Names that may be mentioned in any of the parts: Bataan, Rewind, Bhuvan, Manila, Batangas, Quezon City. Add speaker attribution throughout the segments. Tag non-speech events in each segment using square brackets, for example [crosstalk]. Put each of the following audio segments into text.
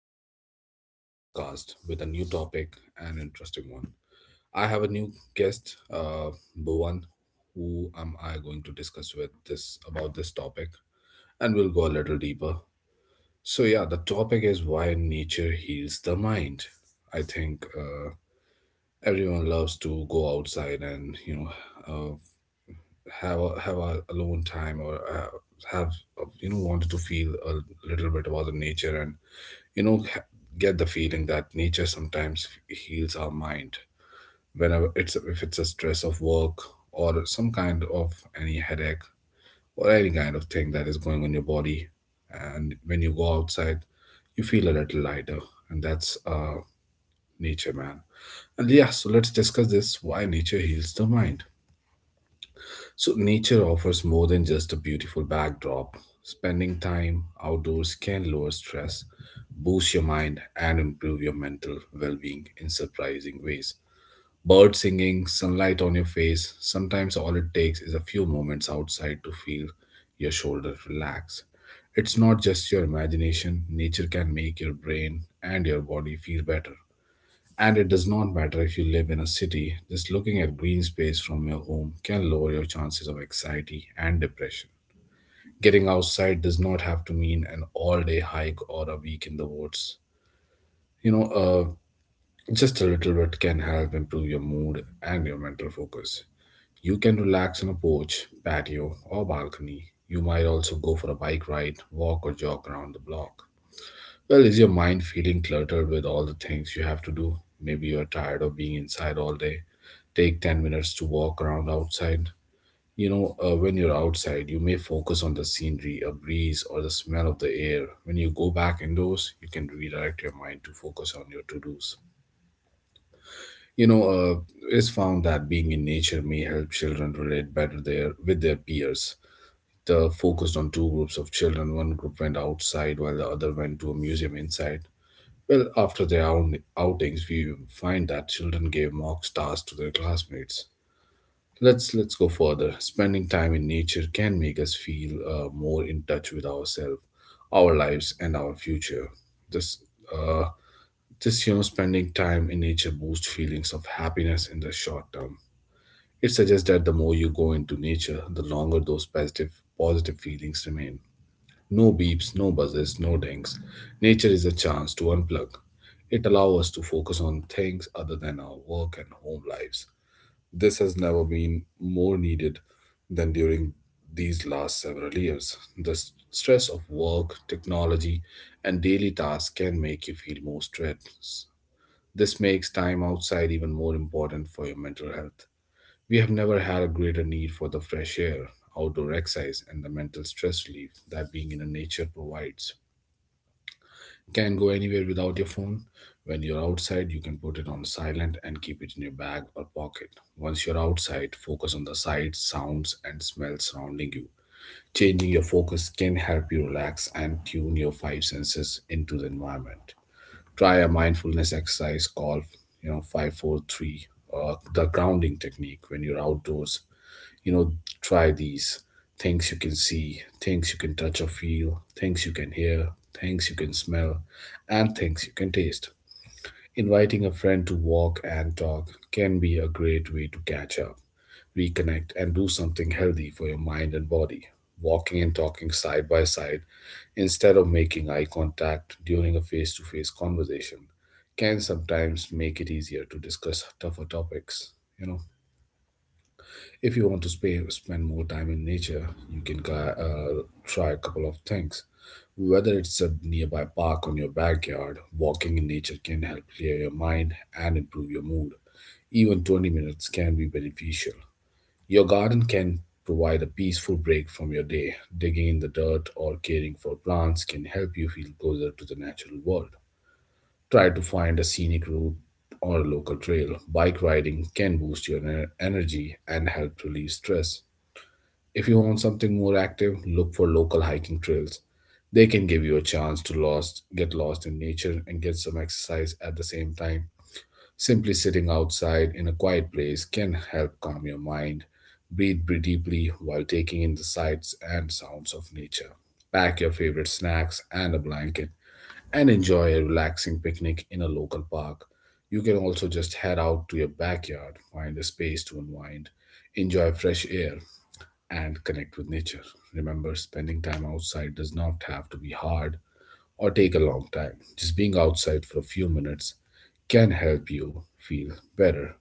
Speaker 1: and welcome to another podcast with a new topic and interesting one. I have a new guest, Bhuvan, who am I going to discuss with this about this topic, and we'll go a little deeper. So, yeah, the topic is why nature heals the mind. I think everyone loves to go outside and uh, have a alone time or have, wanted to feel a little bit about the nature, and you know ha- get the feeling that nature sometimes heals our mind whenever it's if it's a stress of work or some kind of any headache or any kind of thing that is going on your body. And when you go outside, you feel a little lighter, and that's nature, man. And, yeah, so let's discuss this, why nature heals the mind. So, nature offers more than just a beautiful backdrop. Spending time outdoors can lower stress, boost your mind, and improve your mental well being in surprising ways. Bird singing, sunlight on your face, sometimes all it takes is a few moments outside to feel your shoulders relax. It's not just your imagination, nature can make your brain and your body feel better. And it does not matter if you live in a city, just looking at green space from your home can lower your chances of anxiety and depression. Getting outside does not have to mean an all day hike or a week in the woods. You know, uh, just a little bit can help improve your mood and your mental focus. You can relax on a porch, patio, or balcony. You might also go for a bike ride, walk, or jog around the block. Well, is your mind feeling cluttered with all the things you have to do? Maybe you are tired of being inside all day, take 10 minutes to walk around outside. When you're outside, you may focus on the scenery, a breeze, or the smell of the air. When you go back indoors, you can redirect your mind to focus on your to dos. You know, uh, it's found that being in nature may help children relate better there with their peers. The focused on two groups of children. One group went outside while the other went to a museum inside. Well, after their own outings, we find that children gave mock stars to their classmates. Let's go further. Spending time in nature can make us feel more in touch with ourselves, our lives, and our future. This uh, this spending time in nature boosts feelings of happiness in the short term. It suggests that the more you go into nature, the longer those positive feelings remain. No beeps, no buzzes, no dings. Nature is a chance to unplug. It allows us to focus on things other than our work and home lives. This has never been more needed than during these last several years. The stress of work, technology, and daily tasks can make you feel more stressed. This makes time outside even more important for your mental health. We have never had a greater need for the fresh air, outdoor exercise, and the mental stress relief that being in a nature provides. Can go anywhere without your phone. When you're outside, you can put it on silent and keep it in your bag or pocket. Once you're outside, focus on the sights, sounds, and smells surrounding you. Changing your focus can help you relax and tune your five senses into the environment. Try a mindfulness exercise called, 543 or the grounding technique. When you're outdoors, you know try these: things you can see, things you can touch or feel, things you can hear, things you can smell, and things you can taste. Inviting a friend to walk and talk can be a great way to catch up, reconnect, and do something healthy for your mind and body. Walking and talking side by side, instead of making eye contact during a face-to-face conversation, can sometimes make it easier to discuss tougher topics. you know if you want to spend more time in nature, you can try a couple of things. Whether it's a nearby park on your backyard, walking in nature can help clear your mind and improve your mood. Even 20 minutes can be beneficial. Your garden can provide a peaceful break from your day. Digging in the dirt or caring for plants can help you feel closer to the natural world. Try to find a scenic route or a local trail. Bike riding can boost your energy and help relieve stress. If you want something more active, look for local hiking trails. They can give you a chance to get lost in nature and get some exercise at the same time. Simply sitting outside in a quiet place can help calm your mind. Breathe deeply while taking in the sights and sounds of nature. Pack your favorite snacks and a blanket and enjoy a relaxing picnic in a local park. You can also just head out to your backyard, find a space to unwind, enjoy fresh air, and connect with nature. Remember, spending time outside does not have to be hard or take a long time. Just being outside for a few minutes can help you feel better.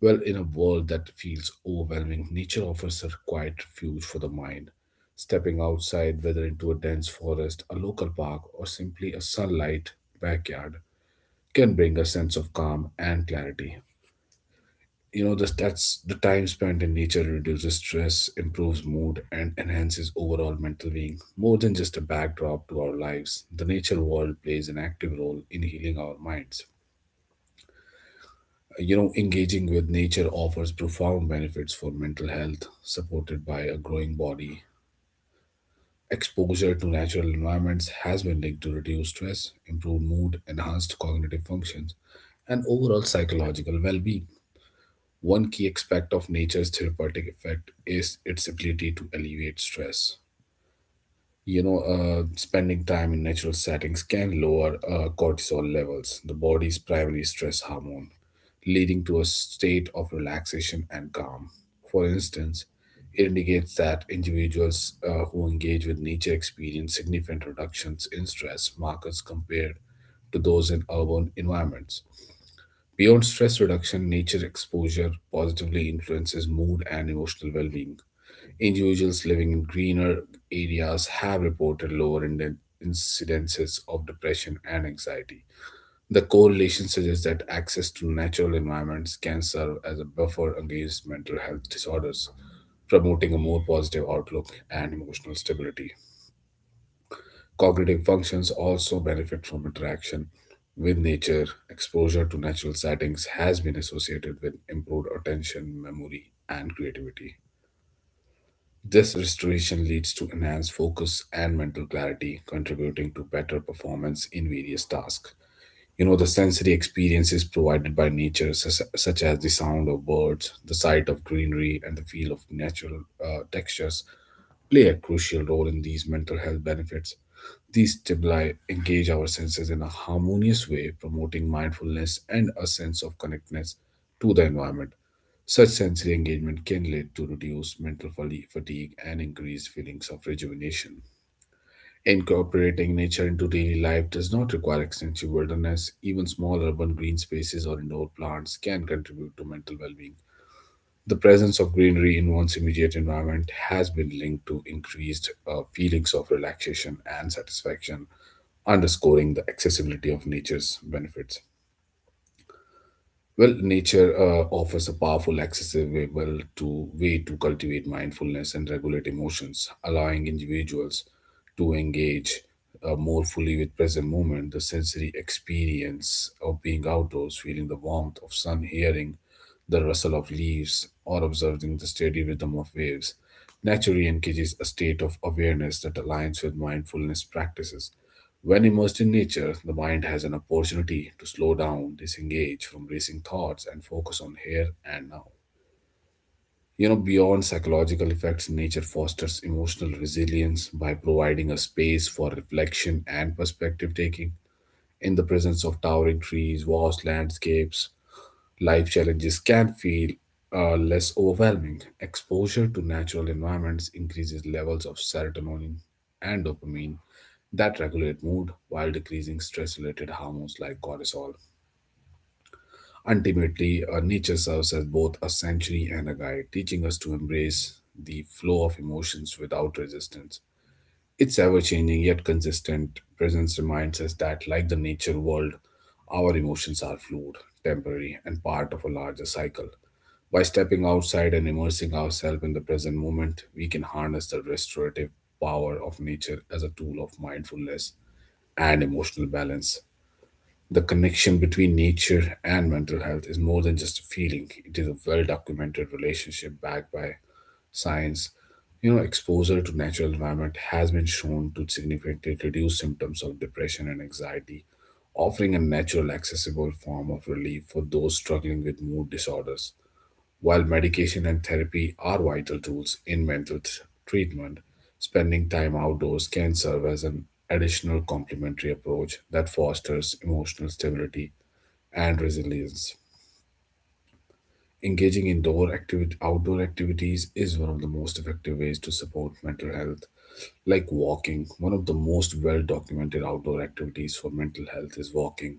Speaker 1: Well, in a world that feels overwhelming, nature offers a quiet refuge for the mind. Stepping outside, whether into a dense forest, a local park, or simply a sunlight backyard, can bring a sense of calm and clarity. This, that's the time spent in nature reduces stress, improves mood, and enhances overall mental being. More than just a backdrop to our lives, the nature world plays an active role in healing our minds. Engaging with nature offers profound benefits for mental health, supported by a growing body. Exposure to natural environments has been linked to reduced stress, improved mood, enhanced cognitive functions, and overall psychological well-being. One key aspect of nature's therapeutic effect is its ability to alleviate stress. Spending time in natural settings can lower cortisol levels, the body's primary stress hormone, leading to a state of relaxation and calm. For instance, it indicates that individuals who engage with nature experience significant reductions in stress markers compared to those in urban environments. Beyond stress reduction, nature exposure positively influences mood and emotional well being. Individuals living in greener areas have reported lower incidences of depression and anxiety. The correlation suggests that access to natural environments can serve as a buffer against mental health disorders, promoting a more positive outlook and emotional stability. Cognitive functions also benefit from interaction with nature. Exposure to natural settings has been associated with improved attention, memory, and creativity. This restoration leads to enhanced focus and mental clarity, contributing to better performance in various tasks. The sensory experiences provided by nature, such as the sound of birds, the sight of greenery, and the feel of natural textures, play a crucial role in these mental health benefits. These stimuli engage our senses in a harmonious way, promoting mindfulness and a sense of connectedness to the environment. Such sensory engagement can lead to reduced mental fatigue and increased feelings of rejuvenation. Incorporating nature into daily life does not require extensive wilderness. Even small urban green spaces or indoor plants can contribute to mental well being. The presence of greenery in one's immediate environment has been linked to increased feelings of relaxation and satisfaction, underscoring the accessibility of nature's benefits. Well, nature offers a powerful, accessible to way to cultivate mindfulness and regulate emotions, allowing individuals to engage more fully with present moment. The sensory experience of being outdoors, feeling the warmth of sun, hearing the rustle of leaves, or observing the steady rhythm of waves. Naturally engages a state of awareness that aligns with mindfulness practices. When immersed in nature, the mind has an opportunity to slow down, disengage from racing thoughts, and focus on here and now. Beyond psychological effects, nature fosters emotional resilience by providing a space for reflection and perspective taking. In the presence of towering trees, vast landscapes, life challenges can feel less overwhelming. Exposure to natural environments increases levels of serotonin and dopamine that regulate mood while decreasing stress related hormones like cortisol. Ultimately, nature serves as both a sanctuary and a guide, teaching us to embrace the flow of emotions without resistance. It's ever changing yet consistent. Presence reminds us that, like the nature world, our emotions are fluid, temporary, and part of a larger cycle. By stepping outside and immersing ourselves in the present moment, we can harness the restorative power of nature as a tool of mindfulness and emotional balance. The connection between nature and mental health is more than just a feeling, it is a well documented relationship backed by science. Exposure to natural environment has been shown to significantly reduce symptoms of depression and anxiety, offering a natural, accessible form of relief for those struggling with mood disorders. While medication and therapy are vital tools in treatment, spending time outdoors can serve as an additional complementary approach that fosters emotional stability and resilience. Outdoor activities is one of the most effective ways to support mental health. One of the most well documented outdoor activities for mental health is walking,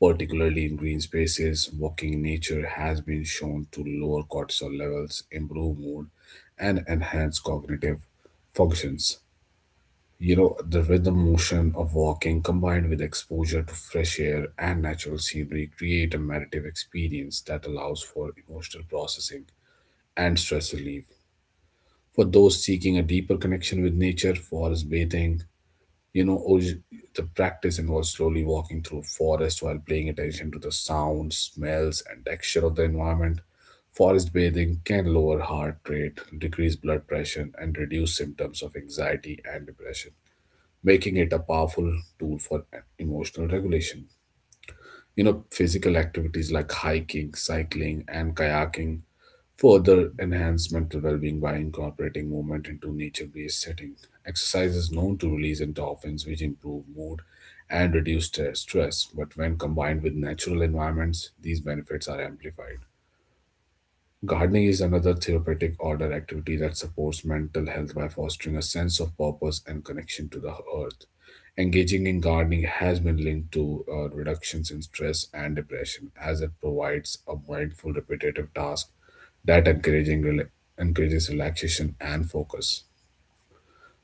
Speaker 1: particularly in green spaces. Walking in nature has been shown to lower cortisol levels, improve mood, and enhance cognitive functions. The rhythm motion of walking combined with exposure to fresh air and natural scenery create a meditative experience that allows for emotional processing and stress relief. For those seeking a deeper connection with nature, forest bathing, you know, orig- the practice involves slowly walking through forest while paying attention to the sounds, smells, and texture of the environment. Forest bathing can lower heart rate, decrease blood pressure, and reduce symptoms of anxiety and depression, making it a powerful tool for emotional regulation. Physical activities like hiking, cycling, and kayaking further enhance mental well-being by incorporating movement into nature-based setting. Exercise is known to release endorphins, which improve mood and reduce stress. But when combined with natural environments, these benefits are amplified. Gardening is another therapeutic order activity that supports mental health by fostering a sense of purpose and connection to the earth. Engaging in gardening has been linked to reductions in stress and depression, as it provides a mindful, repetitive task that encouraging rela- encourages relaxation and focus.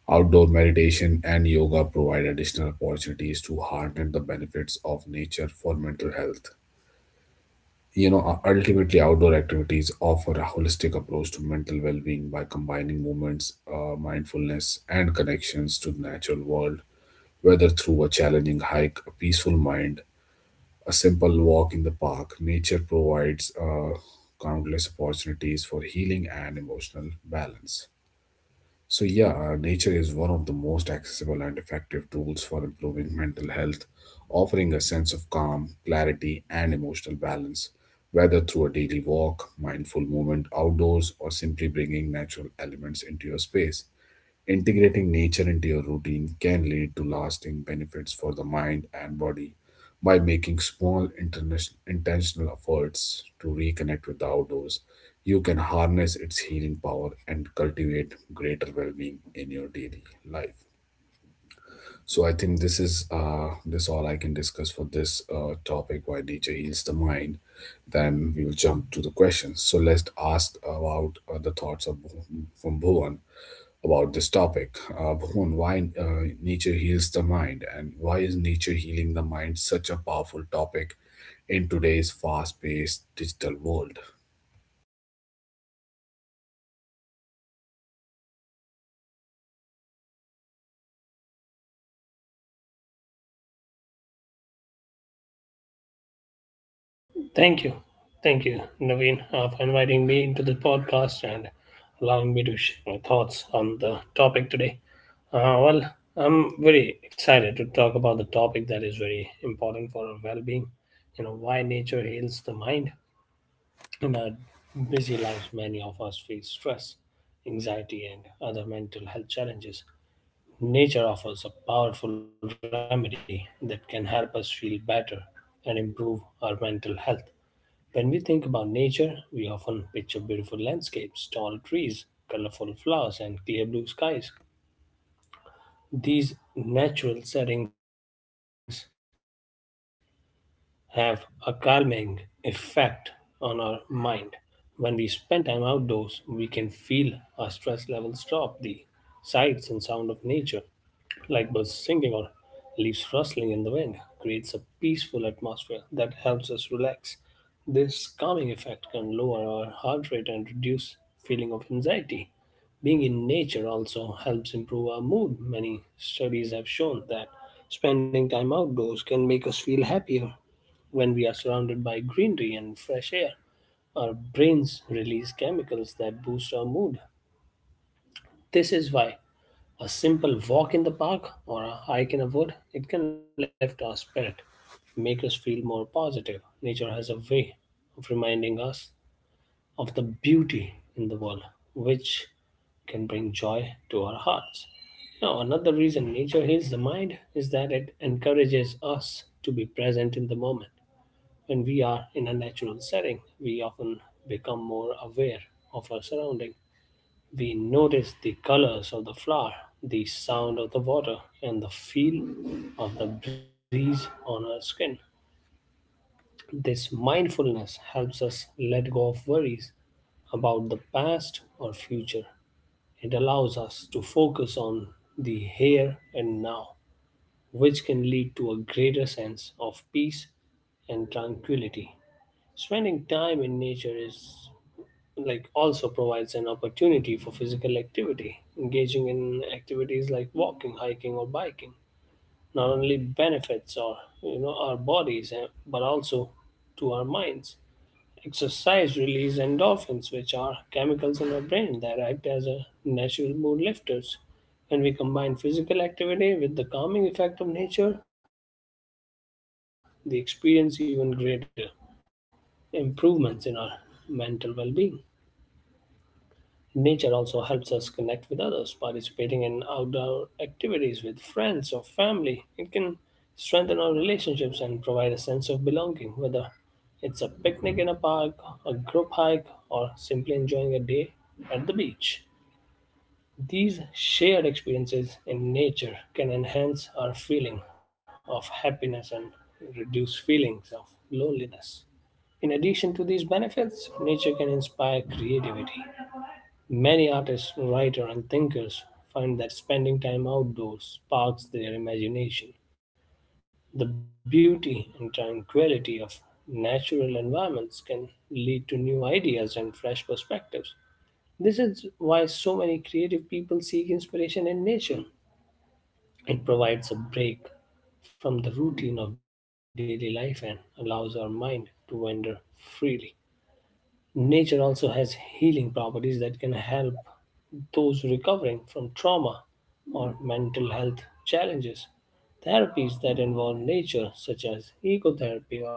Speaker 1: Outdoor meditation and yoga provide additional opportunities to harness the benefits of nature for mental health. Ultimately, outdoor activities offer a holistic approach to mental well being by combining movements, mindfulness, and connections to the natural world, whether through a challenging hike, a peaceful mind, a simple walk in the park. Nature provides countless opportunities for healing and emotional balance. So, yeah, nature is one of the most accessible and effective tools for improving mental health, offering a sense of calm, clarity, and emotional balance. Whether through a daily walk, mindful movement outdoors, or simply bringing natural elements into your space, integrating nature into your routine can lead to lasting benefits for the mind and body by making small intentional efforts to reconnect with the outdoors. You can harness its healing power and cultivate greater well-being in your daily life. So I think this is this all I can discuss for this topic: why nature heals the mind. Then we will jump to the questions. So let's ask about the thoughts of from Bhuvan about this topic. Bhuvan, why nature heals the mind, and why is nature healing the mind such a powerful topic in today's fast paced digital world?
Speaker 2: Thank you. Thank you, Naveen, for inviting me into the podcast and allowing me to share my thoughts on the topic today. Well, I'm very excited to talk about the topic that is very important for our well being. You know, why nature heals the mind. In our busy lives, many of us face stress, anxiety, and other mental health challenges. Nature offers a powerful remedy that can help us feel better and improve our mental health. When we think about nature, we often picture beautiful landscapes, tall trees, colorful flowers, and clear blue skies. These natural settings have a calming effect on our mind. When we spend time outdoors, we can feel our stress levels drop. The sights and sound of nature like birds singing or leaves rustling in the wind, creates a peaceful atmosphere that helps us relax. This calming effect can lower our heart rate and reduce feeling of anxiety. Being in nature also helps improve our mood. Many studies have shown that spending time outdoors can make us feel happier when we are surrounded by greenery and fresh air. Our brains release chemicals that boost our mood. This is why a simple walk in the park or a hike in a wood, it can lift our spirit, make us feel more positive. Nature has a way of reminding us of the beauty in the world, which can bring joy to our hearts. Now, another reason nature heals the mind is that it encourages us to be present in the moment. When we are in a natural setting, we often become more aware of our surrounding, we notice the colors of the flower, the sound of the water, and the feel of the breeze on our skin. This mindfulness helps us let go of worries about the past or future. It allows us to focus on the here and now, which can lead to a greater sense of peace and tranquility. Spending time in nature is like also provides an opportunity for physical activity. Engaging in activities like walking, hiking, or biking not only benefits our our bodies but also to our minds. Exercise release endorphins, which are chemicals in our brain that act as a natural mood lifters. When we combine physical activity with the calming effect of nature, they experience even greater improvements in our mental well-being. Nature also helps us connect with others. Participating in outdoor activities with friends or family, it can strengthen our relationships and provide a sense of belonging, whether it's a picnic in a park, a group hike, or simply enjoying a day at the beach. These shared experiences in nature can enhance our feeling of happiness and reduce feelings of loneliness. In addition to these benefits, nature can inspire creativity. Many artists, writers, and thinkers find that spending time outdoors sparks their imagination. The beauty and tranquility of natural environments can lead to new ideas and fresh perspectives. This is why so many creative people seek inspiration in nature. It provides a break from the routine of daily life and allows our mind to wander freely. Nature also has healing properties that can help those recovering from trauma or mental health challenges. Therapies that involve nature, such as ecotherapy or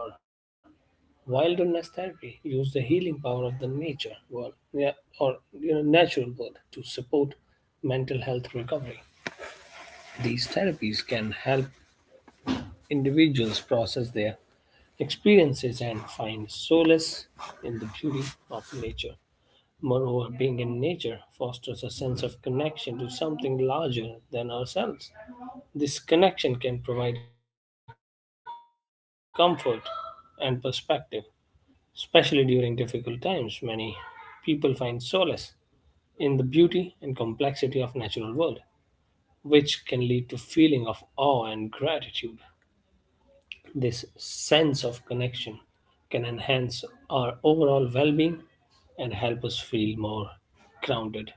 Speaker 2: wilderness therapy, use the healing power of the nature world, yeah, or natural world to support mental health recovery. These therapies can help individuals process their experiences and find solace in the beauty of nature. Moreover, being in nature fosters a sense of connection to something larger than ourselves. This connection can provide comfort and perspective, especially during difficult times. Many people find solace in the beauty and complexity of natural world, which can lead to feeling of awe and gratitude. This sense of connection can enhance our overall well-being and help us feel more grounded.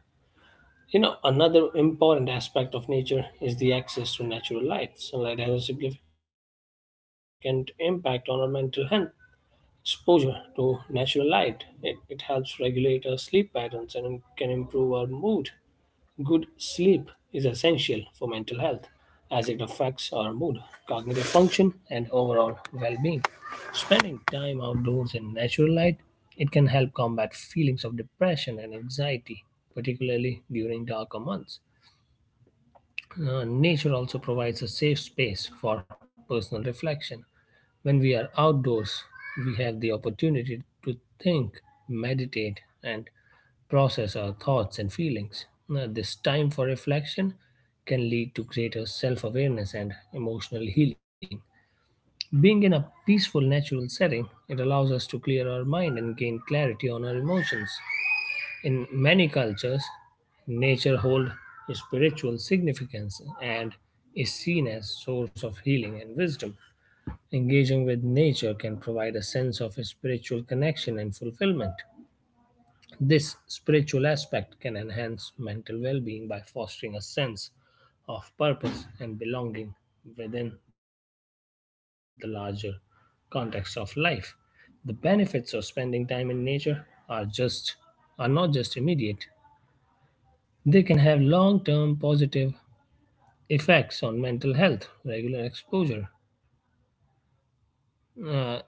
Speaker 2: You know, another important aspect of nature is the access to natural light. Sunlight has a significant impact on our mental health. Exposure to natural light it helps regulate our sleep patterns and can improve our mood. Good sleep is essential for mental health as it affects our mood, cognitive function, and overall well being. Spending time outdoors in natural light, it can help combat feelings of depression and anxiety, particularly during darker months. Nature also provides a safe space for personal reflection. When we are outdoors, we have the opportunity to think, meditate, and process our thoughts and feelings. Now, this time for reflection can lead to greater self awareness and emotional healing. Being in a peaceful, natural setting, it allows us to clear our mind and gain clarity on our emotions. In many cultures, nature holds spiritual significance and is seen as source of healing and wisdom. Engaging with nature can provide a sense of spiritual connection and fulfillment. This spiritual aspect can enhance mental well being by fostering a sense of purpose and belonging within the larger context of life. The benefits of spending time in nature are just are not just immediate. They can have long-term positive effects on mental health. Uh, you know,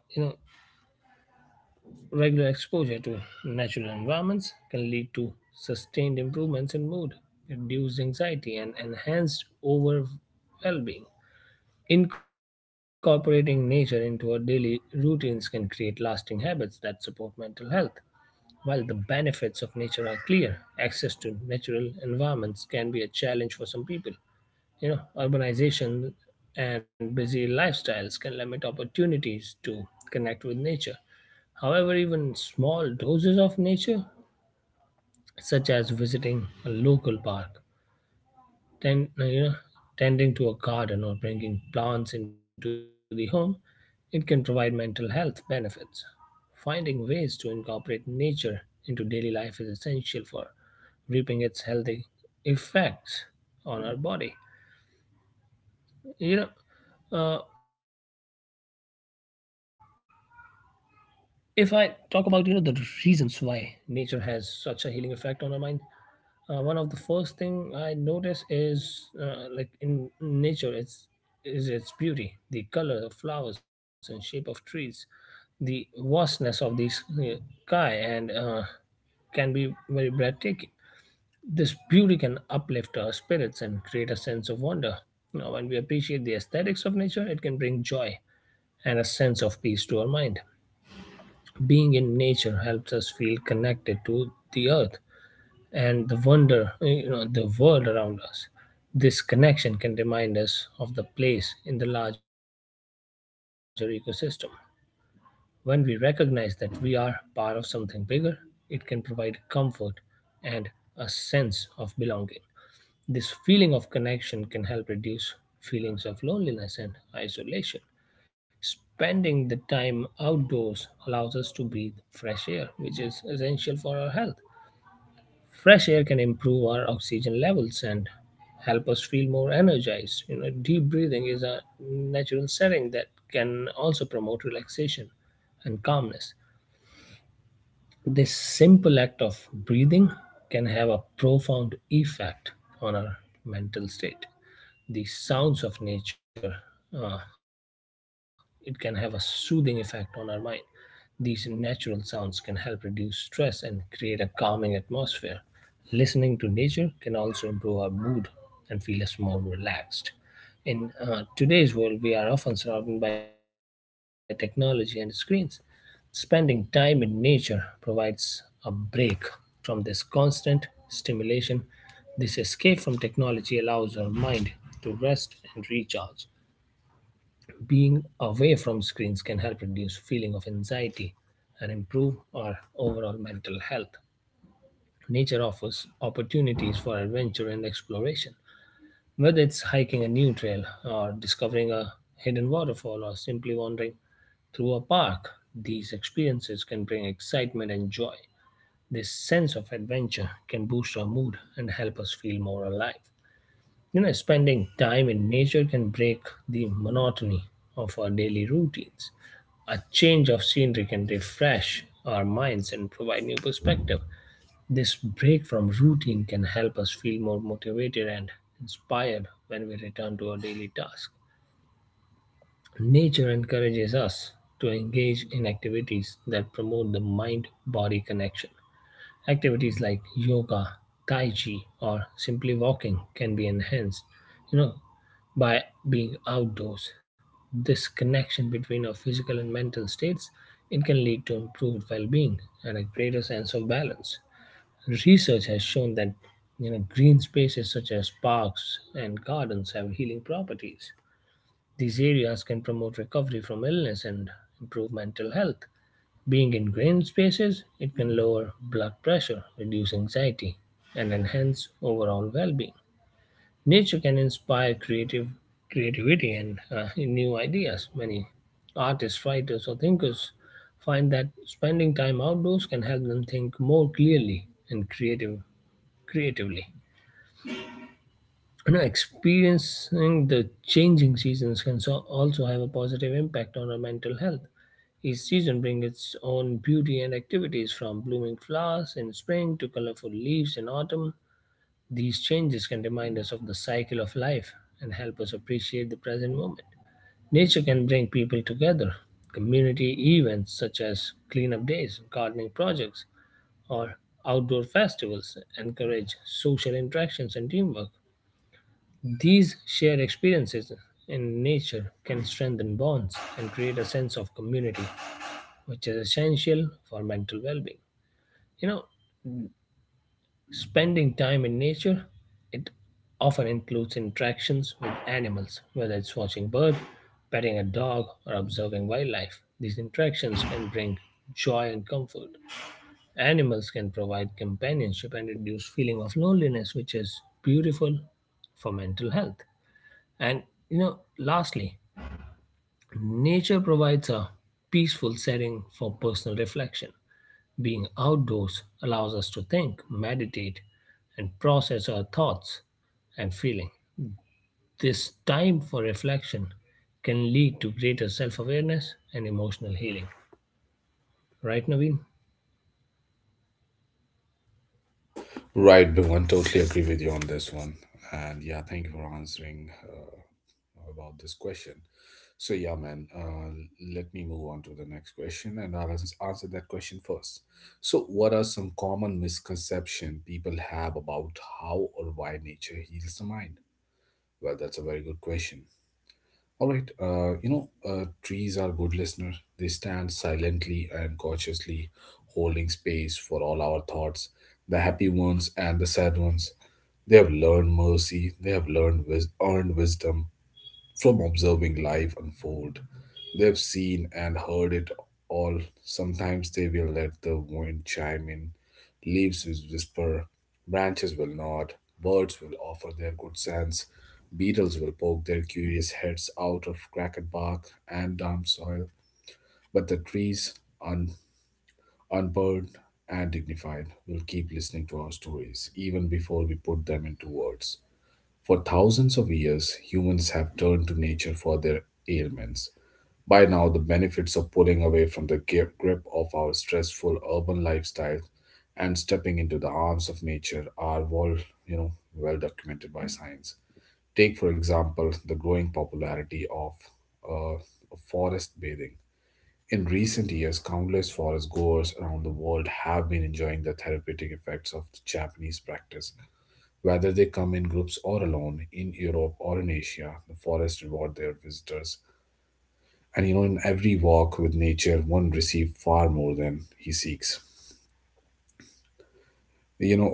Speaker 2: Regular exposure to natural environments can lead to sustained improvements in mood, reduced anxiety, and enhanced overall well being. Incorporating nature into our daily routines can create lasting habits that support mental health. While the benefits of nature are clear, access to natural environments can be a challenge for some people. You know, urbanization and busy lifestyles can limit opportunities to connect with nature. However, even small doses of nature, such as visiting a local park, tend, you know, tending to a garden or bringing plants into the home, it can provide mental health benefits. Finding ways to incorporate nature into daily life is essential for reaping its healthy effects on our body. You know, uh, if I talk about the reasons why nature has such a healing effect on our mind, one of the first thing I notice is like in nature, it's is its beauty, the color of flowers and shape of trees, the vastness of the sky, and can be very breathtaking. This beauty can uplift our spirits and create a sense of wonder. Now, when we appreciate the aesthetics of nature, it can bring joy and a sense of peace to our mind. Being in nature helps us feel connected to the earth and the wonder eh, you know the world around us. This connection can remind us of the place in the larger ecosystem. When we recognize that we are part of something bigger, it can provide comfort and a sense of belonging. This feeling of connection can help reduce feelings of loneliness and isolation. Spending the time outdoors allows us to breathe fresh air, which is essential for our health. Fresh air can improve our oxygen levels and help us feel more energized. You know, deep breathing is a natural setting that can also promote relaxation and calmness. This simple act of breathing can have a profound effect on our mental state. The sounds of nature, uh, it can have a soothing effect on our mind. These natural sounds can help reduce stress and create a calming atmosphere. Listening to nature can also improve our mood and feel us more relaxed. In today's world, we are often surrounded by technology and screens. Spending time in nature provides a break from this constant stimulation. This escape from technology allows our mind to rest and recharge. Being away from screens can help reduce feeling of anxiety and improve our overall mental health. Nature offers opportunities for adventure and exploration. Whether it's hiking a new trail or discovering a hidden waterfall or simply wandering through a park, these experiences can bring excitement and joy. This sense of adventure can boost our mood and help us feel more alive. You know, spending time in nature can break the monotony of our daily routines. A change of scenery can refresh our minds and provide new perspective. This break from routine can help us feel more motivated and inspired when we return to our daily task. Nature encourages us to engage in activities that promote the mind body connection. Activities like yoga, tai chi, or simply walking can be enhanced, you know, by being outdoors. This connection between our physical and mental states, it can lead to improved well-being and a greater sense of balance. Research has shown that green spaces such as parks and gardens have healing properties. These areas can promote recovery from illness and improve mental health. Being in green spaces, it can lower blood pressure, reduce anxiety, and enhance overall well-being. Nature can inspire creative creativity and new ideas. Many artists, writers, or thinkers find that spending time outdoors can help them think more clearly and creatively. Experiencing the changing seasons can also have a positive impact on our mental health. Each season brings its own beauty and activities, from blooming flowers in spring to colorful leaves in autumn. These changes can remind us of the cycle of life and help us appreciate the present moment. Nature can bring people together. Community events such as cleanup days, gardening projects, or outdoor festivals encourage social interactions and teamwork. These shared experiences in nature can strengthen bonds and create a sense of community, which is essential for mental well being. You know, spending time in nature, it often includes interactions with animals, whether it's watching birds, petting a dog, or observing wildlife. These interactions can bring joy and comfort. Animals can provide companionship and reduce feeling of loneliness, which is beautiful for mental health. And Lastly, nature provides a peaceful setting for personal reflection. Being outdoors allows us to think, meditate, and process our thoughts and feeling. This time for reflection can lead to greater self-awareness and emotional healing. Right, Naveen?
Speaker 1: Right, Bhuvan, totally agree with you on this one. And yeah, thank you for answering about this question. So, yeah, man, let me move on to the next question, and I'll answer that question first. So, what are some common misconceptions people have about how or why nature heals the mind? Well, that's a very good question. All right, trees are good listener. They stand silently and cautiously, holding space for all our thoughts, the happy ones and the sad ones. They have learned mercy. They have earned wisdom from observing life unfold. They've seen and heard it all. Sometimes they will let the wind chime in, leaves will whisper, branches will nod, birds will offer their good sense, beetles will poke their curious heads out of cracked bark and damp soil. But the trees, un- unburdened and dignified, will keep listening to our stories even before we put them into words. For thousands of years, humans have turned to nature for their ailments. By now, the benefits of pulling away from the grip of our stressful urban lifestyle and stepping into the arms of nature are, well documented by science. Take, for example, the growing popularity of uh, forest bathing. In recent years, countless forest goers around the world have been enjoying the therapeutic effects of the Japanese practice. Whether they come in groups or alone, in Europe or in Asia, the forests reward their visitors. And you know, in every walk with nature, one receives far more than he seeks. You know,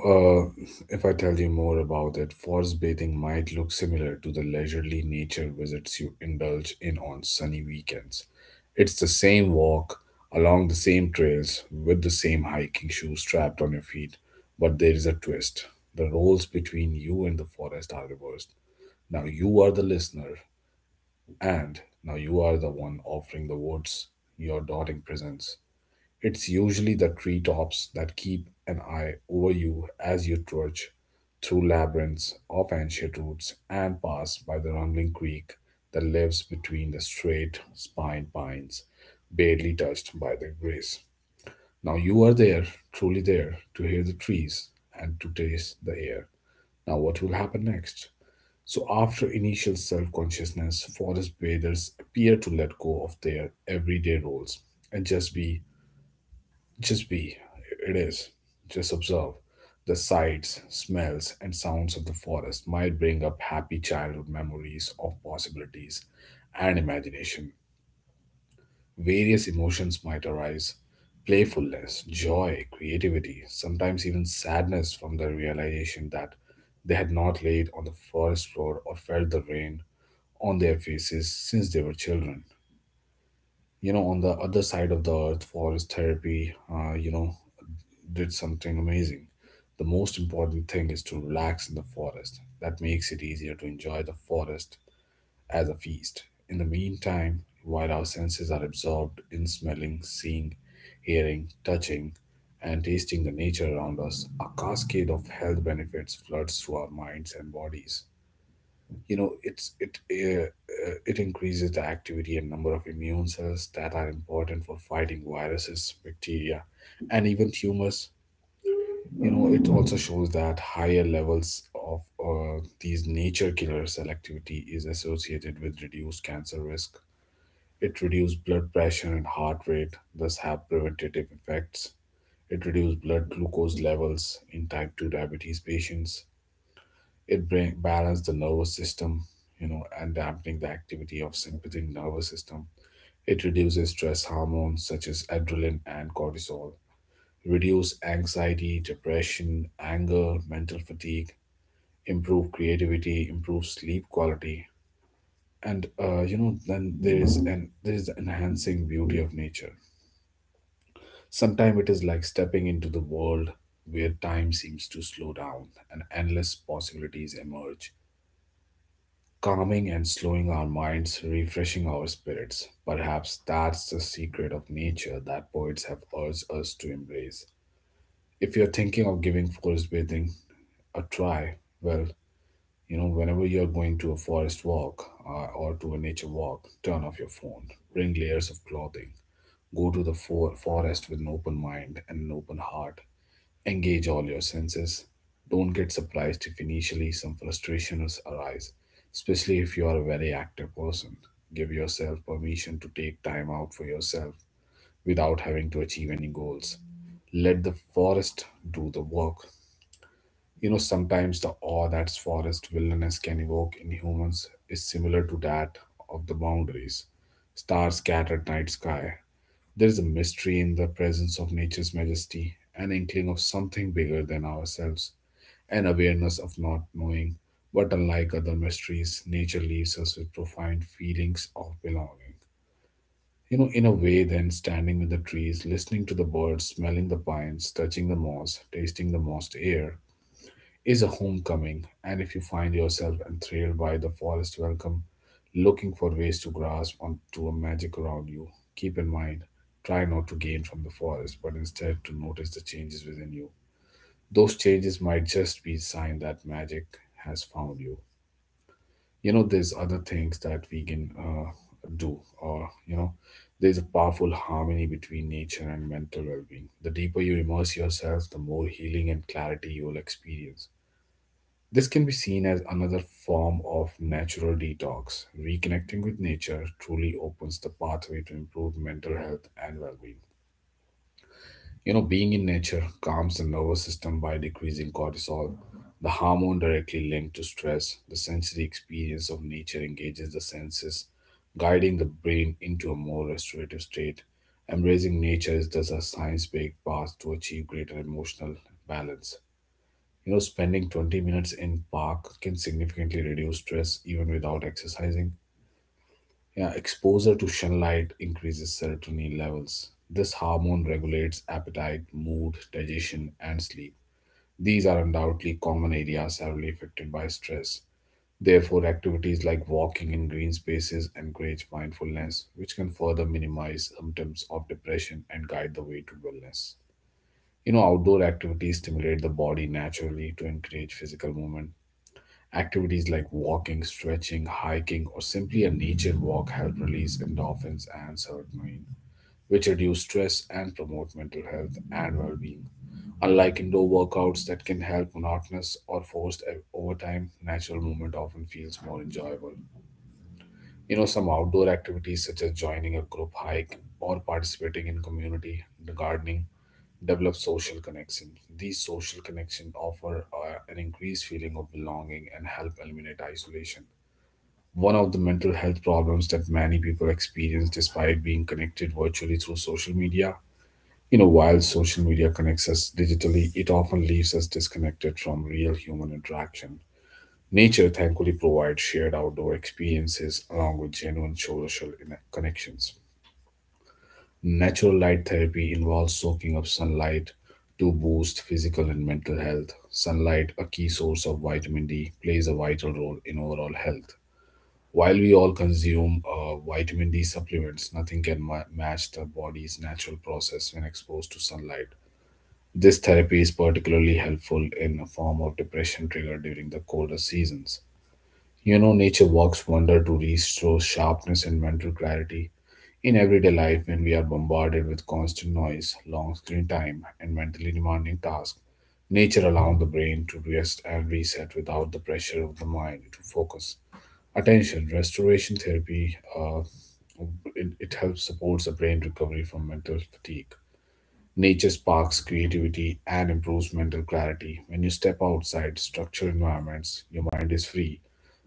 Speaker 1: uh, if I tell you more about it, forest bathing might look similar to the leisurely nature visits you indulge in on sunny weekends. It's the same walk along the same trails with the same hiking shoes strapped on your feet, but there is a twist. The roles between you and the forest are reversed. Now you are the listener, and now you are the one offering the words, your darting presence. It's usually the treetops that keep an eye over you as you trudge through labyrinths of ancient roots and pass by the rumbling creek that lives between the straight spined pines, barely touched by their grace. Now you are there, truly there, to hear the trees and to taste the air. Now, what will happen next? So, after initial self consciousness, forest bathers appear to let go of their everyday roles and just be, it is, just observe. The sights, smells, and sounds of the forest might bring up happy childhood memories of possibilities and imagination. Various emotions might arise: playfulness, joy, creativity, sometimes even sadness from the realization that they had not laid on the forest floor or felt the rain on their faces since they were children. You know, on the other side of the earth, forest therapy, did something amazing. The most important thing is to relax in the forest. That makes it easier to enjoy the forest as a feast. In the meantime, while our senses are absorbed in smelling, seeing, hearing, touching, and tasting the nature around us, a cascade of health benefits floods through our minds and bodies. you know it's it uh, it increases the activity and number of immune cells that are important for fighting viruses, bacteria, and even tumors. You know, it also shows that higher levels of uh, these nature killer cell activity is associated with reduced cancer risk. It reduces blood pressure and heart rate, thus have preventative effects. It reduces blood glucose levels in type 2 diabetes patients. It bring balance the nervous system, you know, and dampening the activity of sympathetic nervous system. It reduces stress hormones such as adrenaline and cortisol, reduce anxiety, depression, anger, mental fatigue, improve creativity, improve sleep quality. And then there is the enhancing beauty of nature. Sometimes it is like stepping into the world where time seems to slow down and endless possibilities emerge, calming and slowing our minds, refreshing our spirits. Perhaps that's the secret of nature that poets have urged us to embrace. If you're thinking of giving forest bathing a try, well, whenever you're going to a forest walk or to a nature walk, turn off your phone, bring layers of clothing, go to the forest with an open mind and an open heart. Engage all your senses. Don't get surprised if initially some frustrations arise, especially if you are a very active person. Give yourself permission to take time out for yourself without having to achieve any goals. Let the forest do the work. You know, sometimes the awe that forest wilderness can evoke in humans is similar to that of the boundaries. Stars scattered night sky, there is a mystery in the presence of nature's majesty, an inkling of something bigger than ourselves, an awareness of not knowing. But unlike other mysteries, nature leaves us with profound feelings of belonging. You know, in a way, then standing with the trees, listening to the birds, smelling the pines, touching the moss, tasting the moist air, is a homecoming, and if you find yourself enthralled by the forest welcome, looking for ways to grasp onto a magic around you, keep in mind, try not to gain from the forest, but instead to notice the changes within you. Those changes might just be a sign that magic has found you. You know, there's other things that we can do, or you know, There's a powerful harmony between nature and mental well being. The deeper you immerse yourself, the more healing and clarity you will experience. This can be seen as another form of natural detox. Reconnecting with nature truly opens the pathway to improve mental health and well being. You know, being in nature calms the nervous system by decreasing cortisol, the hormone directly linked to stress. The sensory experience of nature engages the senses, guiding the brain into a more restorative state. Embracing nature is thus a science based path to achieve greater emotional balance. You know, spending 20 minutes in park can significantly reduce stress even without exercising. Yeah, exposure to sunlight increases serotonin levels. This hormone regulates appetite, mood, digestion, and sleep. These are undoubtedly common areas heavily affected by stress. Therefore, activities like walking in green spaces encourage mindfulness, which can further minimize symptoms of depression and guide the way to wellness. You know, outdoor activities stimulate the body naturally to encourage physical movement. Activities like walking, stretching, hiking, or simply a nature walk help release endorphins and serotonin, which reduce stress and promote mental health and well being. Unlike indoor workouts that can help monotonous or forced over time, natural movement often feels more enjoyable. You know, some outdoor activities such as joining a group hike or participating in community gardening develop social connection. These social connection offer an increased feeling of belonging and help eliminate isolation. One of the mental health problems that many people experience despite being connected virtually through social media. You know, while social media connects us digitally, it often leaves us disconnected from real human interaction. Nature thankfully provides shared outdoor experiences along with genuine social connections. Natural light therapy involves soaking up sunlight to boost physical and mental health. Sunlight, a key source of vitamin D, plays a vital role in overall health while we all consume vitamin D supplements, nothing can match the body's natural process when exposed to sunlight. This therapy is particularly helpful in a form of depression triggered during the colder seasons. You know, nature works wonder to restore sharpness and mental clarity. In everyday life, when we are bombarded with constant noise, long screen time, and mentally demanding tasks, nature allows the brain to rest and reset without the pressure of the mind to focus attention restoration therapy. It helps supports the brain recovery from mental fatigue. Nature sparks creativity and improves mental clarity. When you step outside structured environments, your mind is free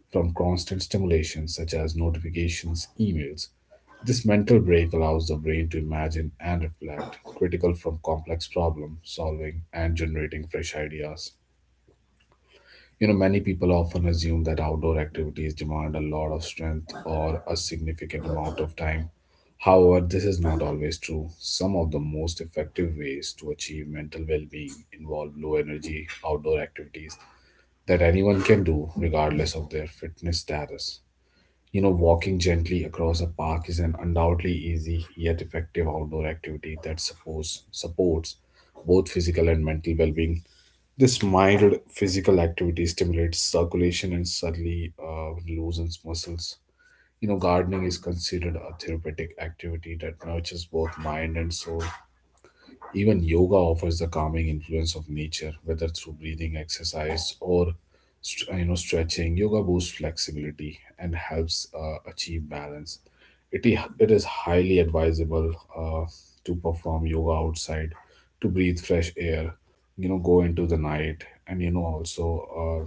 Speaker 1: from constant stimulation such as notifications, emails. This mental break allows the brain to imagine and reflect critical from complex problem solving and generating fresh ideas. You know, many people often assume that outdoor activities demand a lot of strength or a significant amount of time. However, this is not always true. Some of the most effective ways to achieve mental well being involve low energy outdoor activities that anyone can do regardless of their fitness status. You know, walking gently across a park is an undoubtedly easy yet effective outdoor activity that supports both physical and mental well being. This mild physical activity stimulates circulation and suddenly loosens muscles. You know, gardening is considered a therapeutic activity that nurtures both mind and soul. Even yoga offers the calming influence of nature, whether through breathing exercise or stretching. Yoga boosts flexibility and helps achieve balance. It is highly advisable uh, to perform yoga outside, to breathe fresh air, you know, go into the night, and also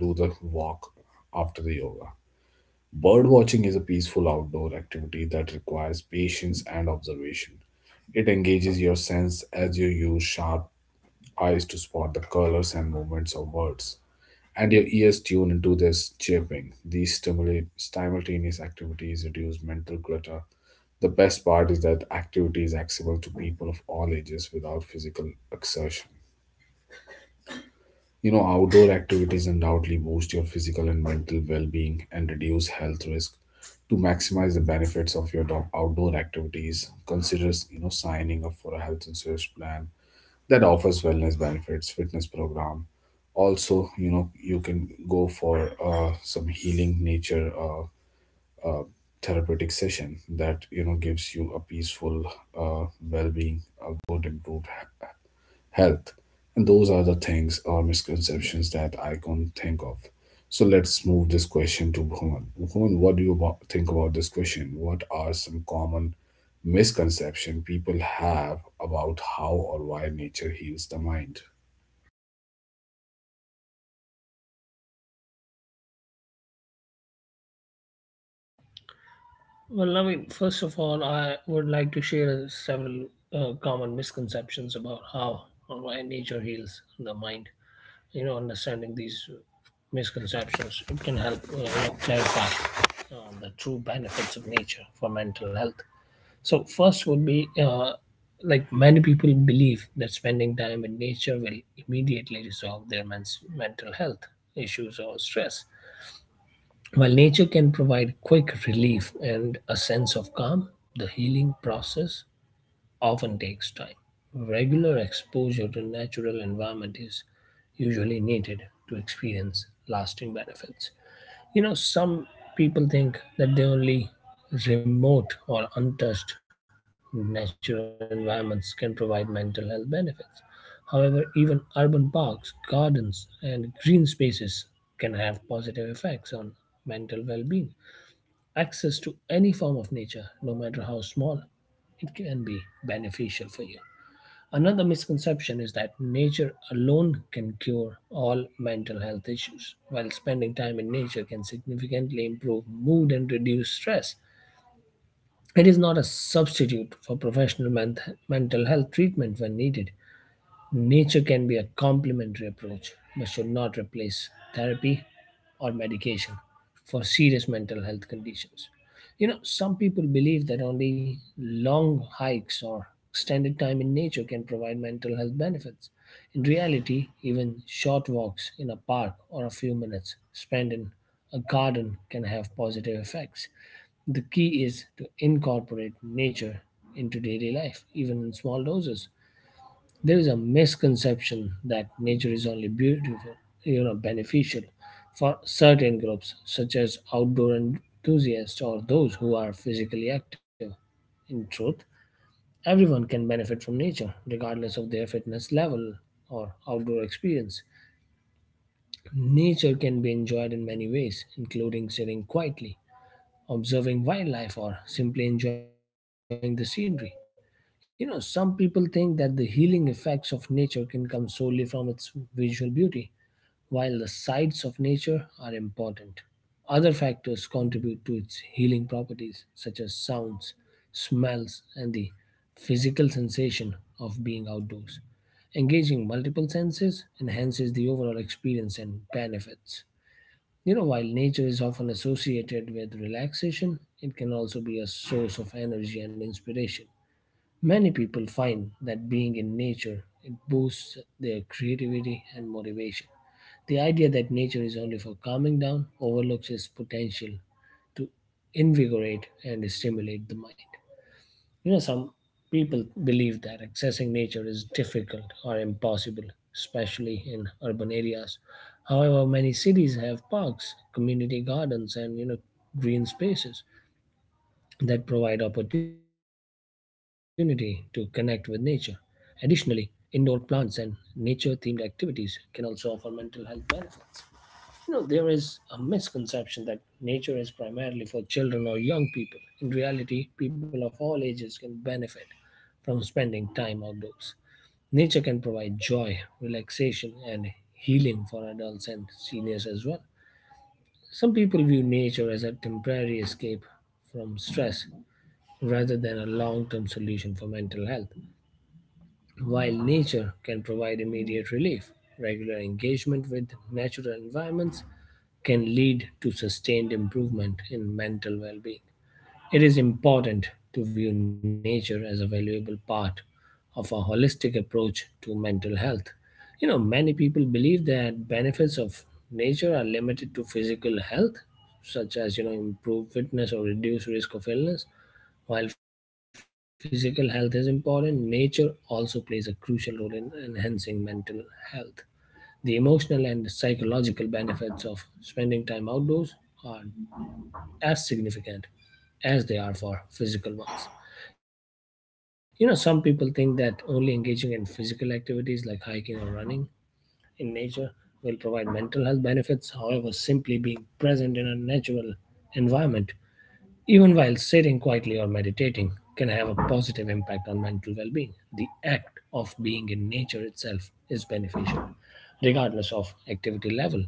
Speaker 1: do the walk after the yoga. Bird watching is a peaceful outdoor activity that requires patience and observation. It engages your sense as you use sharp eyes to spot the colors and movements of words, and your ears tune into their chirping. These stimulate simultaneous activities, reduce mental clutter. The best part is that activity is accessible to people of all ages without physical exertion. You know, outdoor activities undoubtedly boost your physical and mental well being and reduce health risk. To maximize the benefits of your outdoor activities, consider you know signing up for a health insurance plan that offers wellness benefits, fitness program. Also, you know, you can go for some healing nature uh, therapeutic session that you know gives you a peaceful uh, well-being, a good improved health. And those are the things or misconceptions that I can think of. So let's move this question to Bhuvan. Bhuvan, what do you think about this question? What are some common misconception people have about how or why nature heals the mind?
Speaker 2: Well, Naveen, first of all, I would like to share several common misconceptions about how or why nature heals the mind. Understanding these misconceptions, it can help, clarify the true benefits of nature for mental health. So first would be, like, many people believe that spending time in nature will immediately resolve their mental health issues or stress. While nature can provide quick relief and a sense of calm, the healing process often takes time. Regular exposure to natural environment is usually needed to experience lasting benefits. You know, some people think that the only remote or untouched natural environments can provide mental health benefits. However, even urban parks, gardens, and green spaces can have positive effects on mental well being. Access to any form of nature, no matter how small, it can be beneficial for you. Another misconception is that nature alone can cure all mental health issues, while spending time in nature can significantly improve mood and reduce stress. It is not a substitute for professional mental health treatment when needed. Nature can be a complementary approach, but should not replace therapy or medication for serious mental health conditions. You know, some people believe that only long hikes or extended time in nature can provide mental health benefits. In reality, even short walks in a park or a few minutes spent in a garden can have positive effects. The key is to incorporate nature into daily life, even in small doses. There is a misconception that nature is only beautiful, you know, beneficial for certain groups, such as outdoor enthusiasts or those who are physically active. In truth, everyone can benefit from nature, regardless of their fitness level or outdoor experience. Nature can be enjoyed in many ways, including sitting quietly, observing wildlife, or simply enjoying the scenery. You know, some people think that the healing effects of nature can come solely from its visual beauty, while the sights of nature are important. Other factors contribute to its healing properties, such as sounds, smells, and the physical sensation of being outdoors. Engaging multiple senses enhances the overall experience and benefits. You know, while nature is often associated with relaxation, it can also be a source of energy and inspiration. Many people find that being in nature, it boosts their creativity and motivation. The idea that nature is only for calming down overlooks its potential to invigorate and stimulate the mind. You know, some people believe that accessing nature is difficult or impossible, especially in urban areas. However, many cities have parks, community gardens, and, you know, green spaces that provide opportunity to connect with nature. Additionally, indoor plants and nature themed activities can also offer mental health benefits. You know, there is a misconception that nature is primarily for children or young people. In reality, people of all ages can benefit from spending time outdoors. Nature can provide joy, relaxation, and healing for adults and seniors as well. Some people view nature as a temporary escape from stress rather than a long term solution for mental health. While nature can provide immediate relief, regular engagement with natural environments can lead to sustained improvement in mental well being. It is important to view nature as a valuable part of a holistic approach to mental health. You know, many people believe that benefits of nature are limited to physical health, such as, you know, improved fitness or reduced risk of illness. While physical health is important, nature also plays a crucial role in enhancing mental health. The emotional and psychological benefits of spending time outdoors are as significant as they are for physical ones. You know, some people think that only engaging in physical activities like hiking or running in nature will provide mental health benefits. However, simply being present in a natural environment, even while sitting quietly or meditating, can have a positive impact on mental well being. The act of being in nature itself is beneficial, regardless of activity level.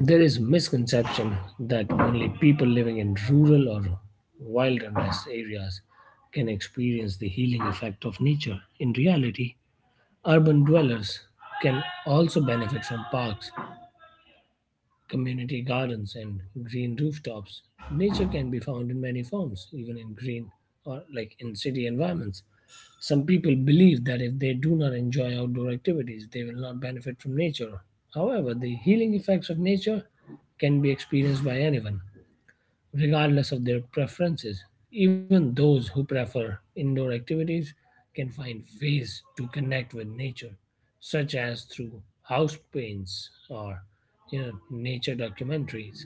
Speaker 2: There is misconception that only people living in rural or wilderness areas can experience the healing effect of nature. In reality, urban dwellers can also benefit from parks, community gardens, and green rooftops. Nature can be found in many forms, even in green or like in city environments. Some people believe that if they do not enjoy outdoor activities, they will not benefit from nature. However, the healing effects of nature can be experienced by anyone regardless of their preferences. Even those who prefer indoor activities can find ways to connect with nature, such as through house paints or, you know, nature documentaries.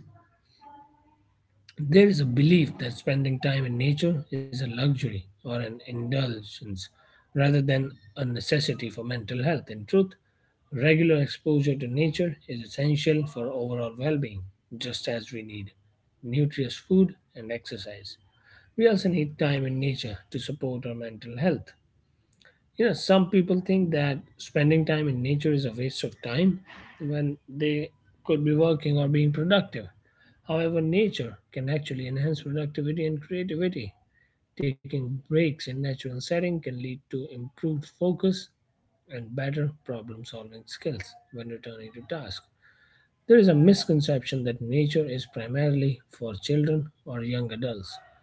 Speaker 2: There is a belief that spending time in nature is a luxury or an indulgence rather than a necessity for mental health. In truth, regular exposure to nature is essential for overall well being, just as we need nutritious food and exercise. We also need time in nature to support our mental health. Some people think that spending time in nature is a waste of time when they could be working or being productive. However, nature can actually enhance productivity and creativity. Taking breaks in natural setting can lead to improved focus and better problem solving skills when returning to task. There is a misconception that nature is primarily for children or young adults.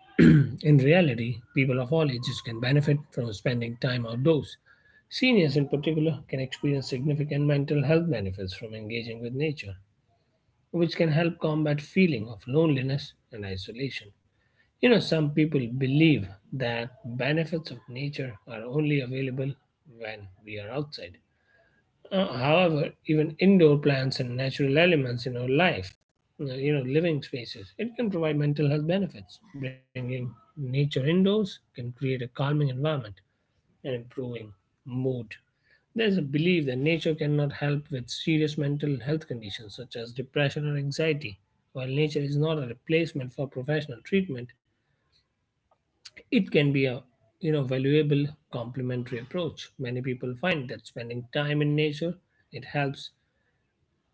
Speaker 2: [clears throat] In reality, people of all ages can benefit from spending time outdoors. Seniors, in particular, can experience significant mental health benefits from engaging with nature, which can help combat feeling of loneliness and isolation. You know, some people believe that benefits of nature are only available when we are outside. However, even indoor plants and natural elements in our life, living spaces, it can provide mental health benefits. Bringing nature indoors can create a calming environment and improving mood. There's a belief that nature cannot help with serious mental health conditions such as depression or anxiety. While nature is not a replacement for professional treatment, it can be a, you know, valuable complementary approach. Many people find that spending time in nature, it helps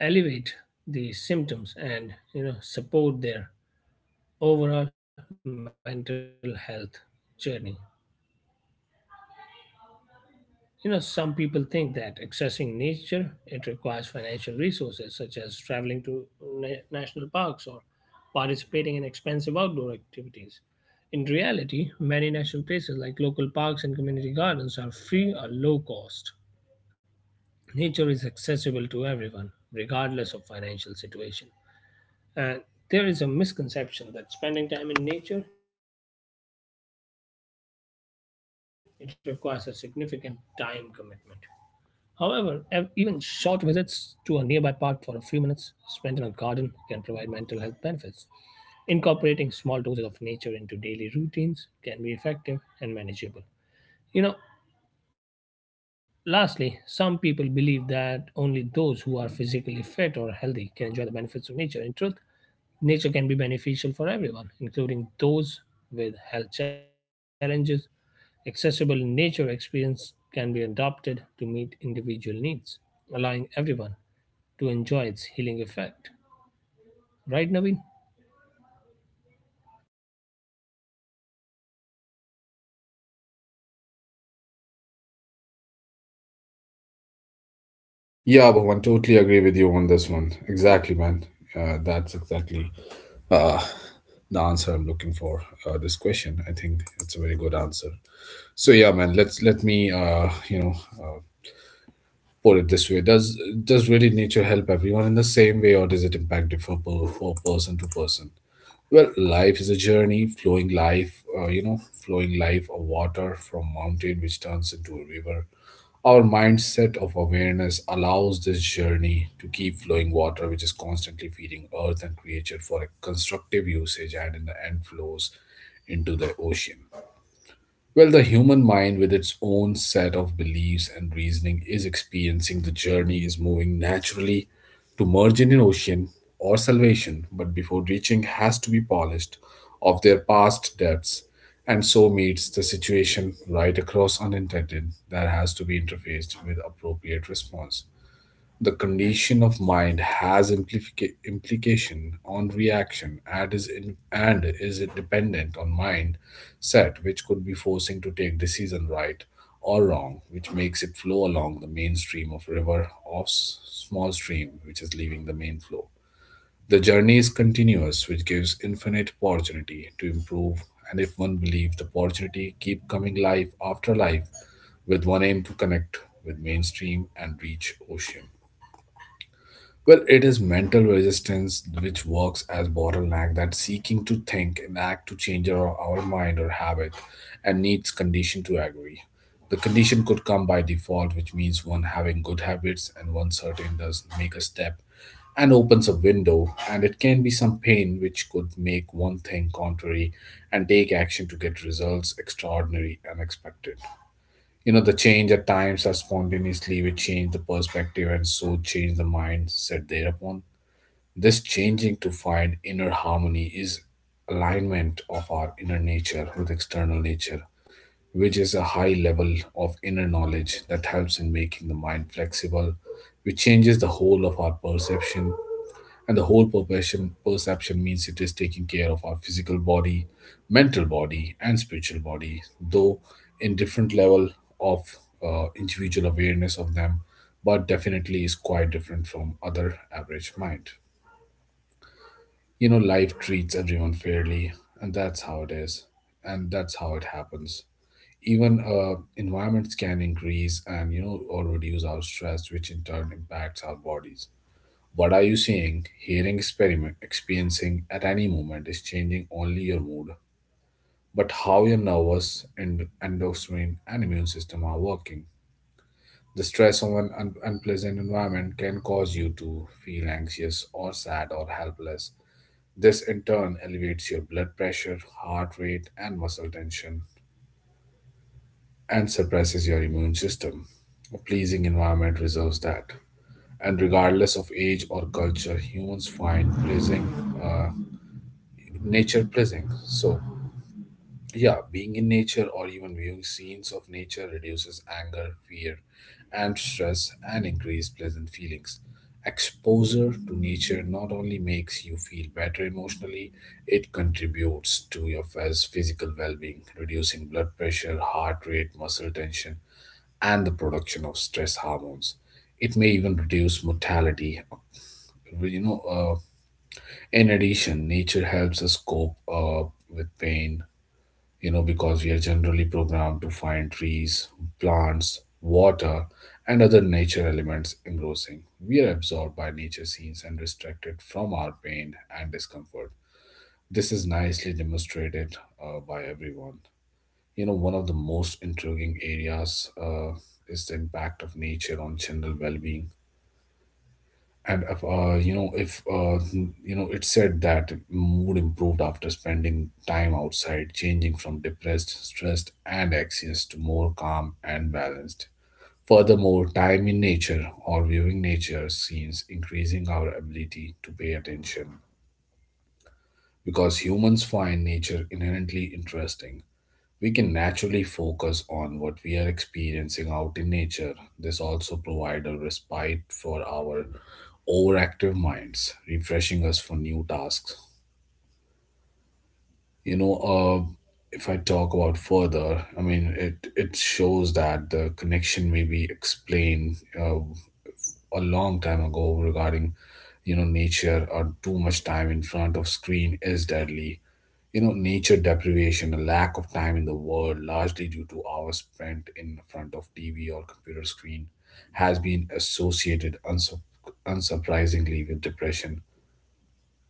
Speaker 2: elevate the symptoms and, you know, support their overall mental health journey. Some people think that accessing nature, it requires financial resources such as traveling to national parks or participating in expensive outdoor activities. In reality, many national places like local parks and community gardens are free or low cost. Nature is accessible to everyone regardless of financial situation. And there is a misconception that spending time in nature, it requires a significant time commitment. However, even short visits to a nearby park for a few minutes spent in a garden can provide mental health benefits. Incorporating small doses of nature into daily routines can be effective and manageable. You know, lastly, some people believe that only those who are physically fit or healthy can enjoy the benefits of nature. In truth, nature can be beneficial for everyone, including those with health challenges. Accessible nature experience can be adapted to meet individual needs, allowing everyone to enjoy its healing effect. Right, Naveen?
Speaker 1: Yeah, Bhuvan, totally agree with you on this one, exactly, man. That's exactly uh, the answer I'm looking for this question. I think it's a very good answer. So yeah, man, let me uh, put it this way: does really nature help everyone in the same way, or does it impact differ for person to person? Well, life is a journey, flowing life, flowing life of water from mountain which turns into a river. Our mindset of awareness allows this journey to keep flowing water, which is constantly feeding earth and creature for a constructive usage and in the end flows into the ocean. Well, the human mind, with its own set of beliefs and reasoning, is experiencing the journey, is moving naturally to merge in an ocean or salvation, but before reaching, has to be polished of their past debts, and so meets the situation right across unintended that has to be interfaced with appropriate response. The condition of mind has implication on reaction and is dependent on mind set, which could be forcing to take decision right or wrong, which makes it flow along the main stream of river of small stream, which is leaving the main flow. The journey is continuous, which gives infinite opportunity to improve. And if one believes the opportunity keep coming life after life, with one aim to connect with mainstream and reach ocean. Well, it is mental resistance which works as bottleneck that seeking to think and act to change our mind or habit and needs condition to agree. The condition could come by default, which means one having good habits and one certain does make a step and opens a window, and it can be some pain which could make one think contrary and take action to get results extraordinary and expected. You know, the change at times are spontaneously which change the perspective and so change the mindset thereupon. This changing to find inner harmony is alignment of our inner nature with external nature, which is a high level of inner knowledge that helps in making the mind flexible, which changes the whole of our perception. And the whole perception means it is taking care of our physical body, mental body, and spiritual body, though in different level of individual awareness of them, but definitely is quite different from other average mind. You know, life treats everyone fairly, and that's how it is, and that's how it happens. Even environments can increase and you know or reduce our stress which in turn impacts our bodies. What are you seeing, hearing, experiment experiencing at any moment is changing only your mood, but how your nervous and endocrine and immune system are working. The stress of an unpleasant environment can cause you to feel anxious or sad or helpless. This in turn elevates your blood pressure, heart rate, and muscle tension, and suppresses your immune system. A pleasing environment reserves that. And regardless of age or culture, humans find pleasing, uh, nature pleasing. So, yeah, being in nature or even viewing scenes of nature reduces anger, fear, and stress and increase pleasant feelings. Exposure to nature not only makes you feel better emotionally, it contributes to your physical well being, reducing blood pressure, heart rate, muscle tension, and the production of stress hormones. It may even reduce mortality. You know, in addition, nature helps us cope with pain. You know, because we are generally programmed to find trees, plants, water, and other nature elements engrossing. We are absorbed by nature scenes and distracted from our pain and discomfort. This is nicely demonstrated by everyone. You know, one of the most intriguing areas is the impact of nature on general well-being. And if, you know, if you know, it said that mood improved after spending time outside, changing from depressed, stressed, and anxious to more calm and balanced. Furthermore, time in nature or viewing nature scenes increasing our ability to pay attention because humans find nature inherently interesting. We can naturally focus on what we are experiencing out in nature. This also provides a respite for our overactive minds, refreshing us for new tasks. You know, uh, if I talk about further, I mean, it shows that the connection may be explained uh, a long time ago regarding, you know, nature or too much time in front of screen is deadly. You know, nature deprivation, a lack of time in the world largely due to hours spent in front of tv or computer screen has been associated unsurprisingly with depression,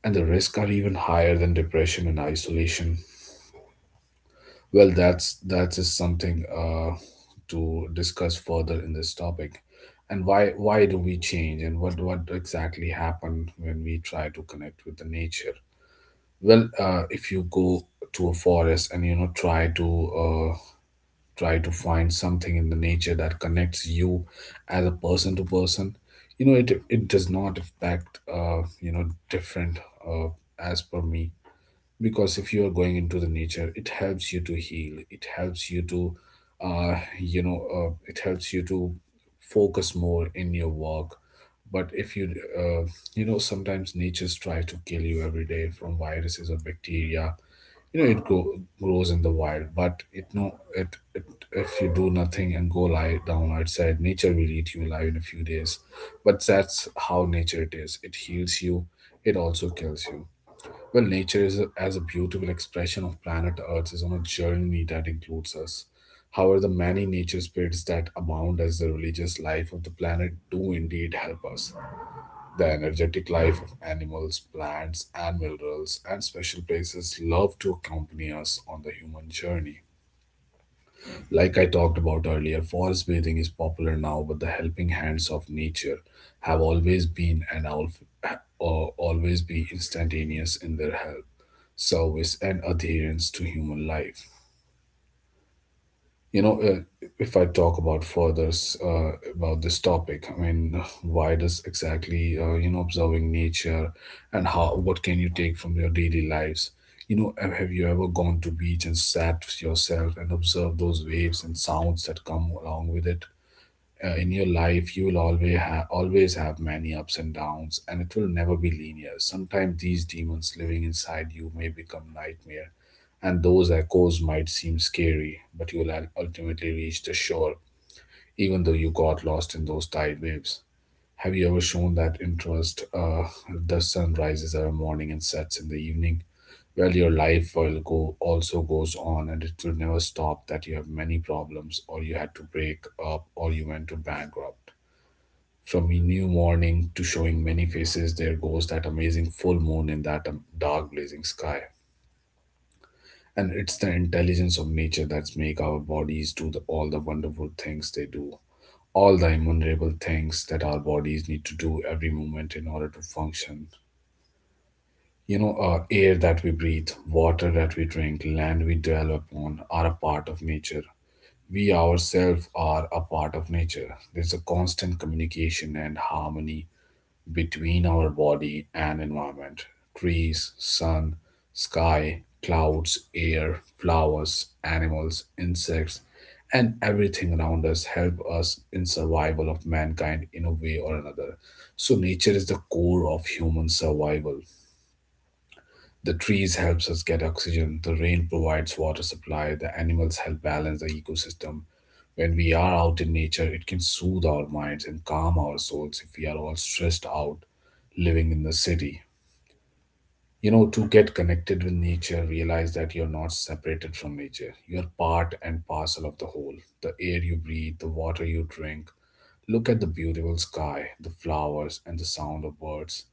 Speaker 1: and the risks are even higher than depression and isolation. Well, that is something to discuss further in this topic. And why do we change, and what exactly happen when we try to connect with the nature? Well, if you go to a forest and you know try to try to find something in the nature that connects you as a person to person, you know it does not affect you know different, uh, as per me. Because if you are going into the nature, it helps you to heal, it helps you to it helps you to focus more in your work. But if you uh, you know, sometimes nature's try to kill you every day from viruses or bacteria. You know, grows in the wild, but it no it, it if you do nothing and go lie down outside, nature will eat you alive in a few days. But that's how nature it is, it heals you, it also kills you. Well, as a beautiful expression of planet Earth is on a journey that includes us. However, the many nature spirits that abound as the religious life of the planet do indeed help us. The energetic life of animals, plants, and minerals and special places love to accompany us on the human journey. Like I talked about earlier, forest bathing is popular now, but the helping hands of nature have always been and always be instantaneous in their help service, and adherence to human life. If I talk about further about this topic, I mean, [sighs] why does exactly you know observing nature, and how what can you take from your daily lives? Have you ever gone to beach and sat with yourself and observed those waves and sounds that come along with it? In your life, you will always have many ups and downs, and it will never be linear. Sometimes these demons living inside you may become nightmare, and those echoes might seem scary, but you will ultimately reach the shore, even though you got lost in those tide waves. Have you ever shown that interest? The sun rises every morning and sets in the evening. Well, your life will go also goes on, and it will never stop. That you have many problems, or you had to break up, or you went to bankrupt. From a new morning to showing many faces, there goes that amazing full moon in that dark blazing sky. And it's the intelligence of nature that's make our bodies do all the wonderful things they do, all the immeasurable things that our bodies need to do every moment in order to function. You know, air that we breathe, water that we drink, land we dwell upon are a part of nature. We ourselves are a part of nature. There's a constant communication and harmony between our body and environment. Trees, sun, sky, clouds, air, flowers, animals, insects, and everything around us help us in survival of mankind in a way or another. So nature is the core of human survival. The trees helps us get oxygen, the rain provides water supply, the animals help balance the ecosystem. When we are out in nature, it can soothe our minds and calm our souls if we are all stressed out living in the city. You know, to get connected with nature, realize that you're not separated from nature. You're part and parcel of the whole. The air you breathe, the water you drink. Look at the beautiful sky, the flowers, and the sound of birds.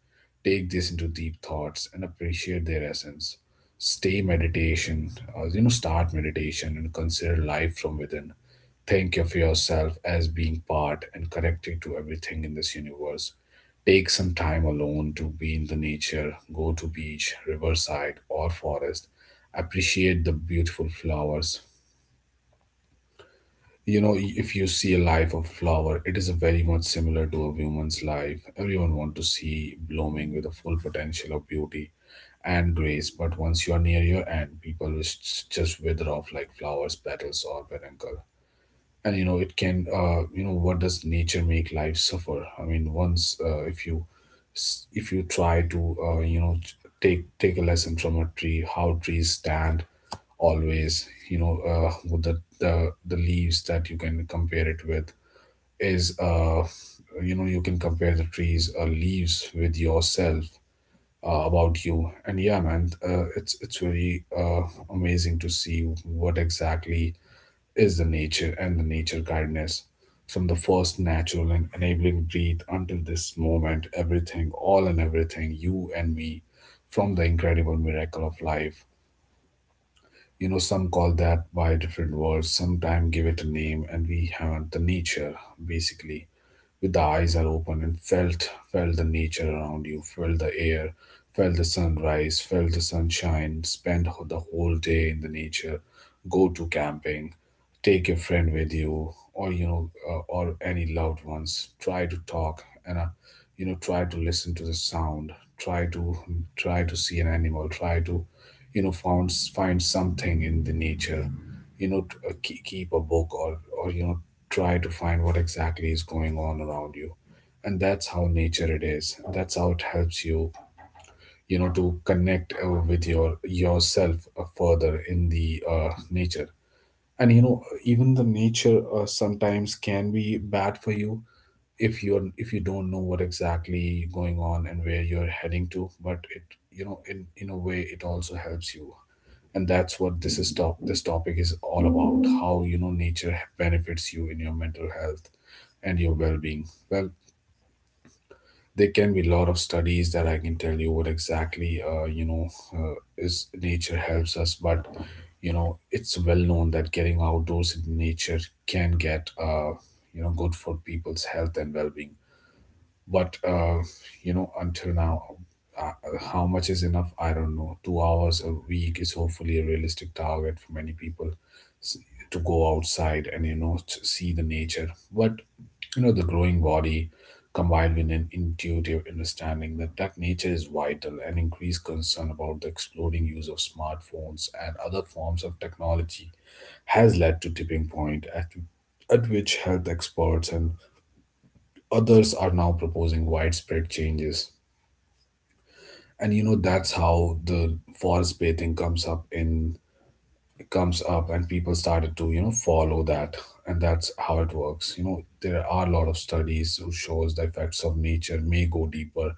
Speaker 1: Take this into deep thoughts and appreciate their essence. Stay meditation, you know, start meditation and consider life from within. Think of yourself as being part and connected to everything in this universe. Take some time alone to be in the nature, go to beach, riverside, or forest. Appreciate the beautiful flowers. You know, if you see a life of flower, it is a very much similar to a woman's life. Everyone want to see blooming with the full potential of beauty and grace, but once you are near your end, people will just wither off like flowers, petals, or peduncles. And you know it can you know, what does nature make life suffer. I mean, once if you if you try to you know take a lesson from a tree, how trees stand always. You know, with the leaves that you can compare it with is you know, you can compare the trees leaves with yourself, about you. And yeah man, it's very amazing to see what exactly is the nature and the nature guidedness, from the first natural and enabling breath until this moment, everything all and everything, you and me, from the incredible miracle of life. You know, some call that by different words, sometimes give it a name, and we haven't the nature basically. With the eyes are open and felt the nature around you, felt the air, felt the sunrise, felt the sunshine, spend the whole day in the nature. Go to camping, take your friend with you, or you know, or any loved ones, try to talk and, you know, try to listen to the sound, try to, try to see an animal, try to, you know, found, find something in the nature. You know, to, keep a book, or you know, try to find what exactly is going on around you. And that's how nature it is, that's how it helps you, you know, to connect with your yourself further in the nature. And you know, even the nature sometimes can be bad for you, if you're if you don't know what exactly going on and where you're heading to. But it, you know, in a way, it also helps you. And that's what this topic is all about, how you know nature benefits you in your mental health and your well-being. Well, there can be a lot of studies that I can tell you what exactly you know, is nature helps us. But you know, it's well known that getting outdoors in nature can get you know good for people's health and well-being. But you know, until now, uh, how much is enough, I don't know. 2 hours a week is hopefully a realistic target for many people s- to go outside and you know to see the nature. But you know, the growing body combined with an intuitive understanding that nature is vital and increased concern about the exploding use of smartphones and other forms of technology has led to tipping point at which health experts and others are now proposing widespread changes. And you know, that's how the forest bathing comes up, and people started to you know follow that. And that's how it works. You know, there are a lot of studies who shows the effects of nature may go deeper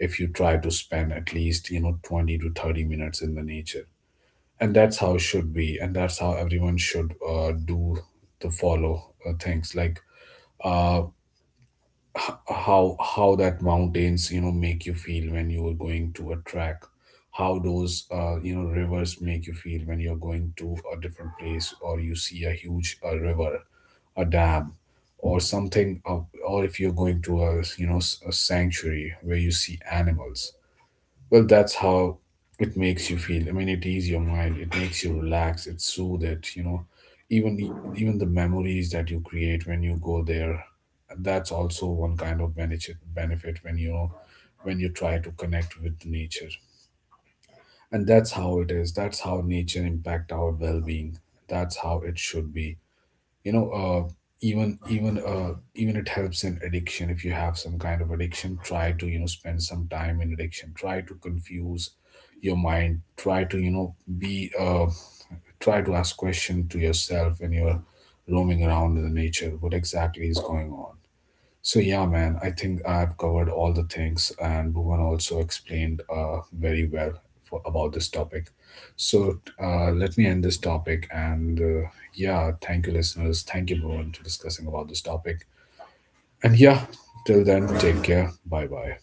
Speaker 1: if you try to spend at least you know 20 to 30 minutes in the nature. And that's how it should be, and that's how everyone should do, to follow things like uh, h- how that mountains you know make you feel when you are going to a track, how those you know rivers make you feel when you're going to a different place, or you see a huge river, a dam, or something, or if you're going to a, you know, a sanctuary where you see animals. Well, that's how it makes you feel. I mean, it eases your mind, it makes you relax, it soothes it. You know, even e, even the memories that you create when you go there, that's also one kind of benefit. Benefit when you know, when you try to connect with nature. And that's how it is, that's how nature impact our well-being. That's how it should be. You know, even it helps in addiction. If you have some kind of addiction, try to you know spend some time in addiction. Try to confuse your mind, try to you know be, try to ask question to yourself when you're roaming around in the nature, what exactly is going on. So yeah man, I think I've covered all the things, and bhuvan also explained very well, about this topic. So let me end this topic, and yeah, thank you listeners, thank you bhuvan for discussing about this topic. And yeah, till then, take care, bye bye.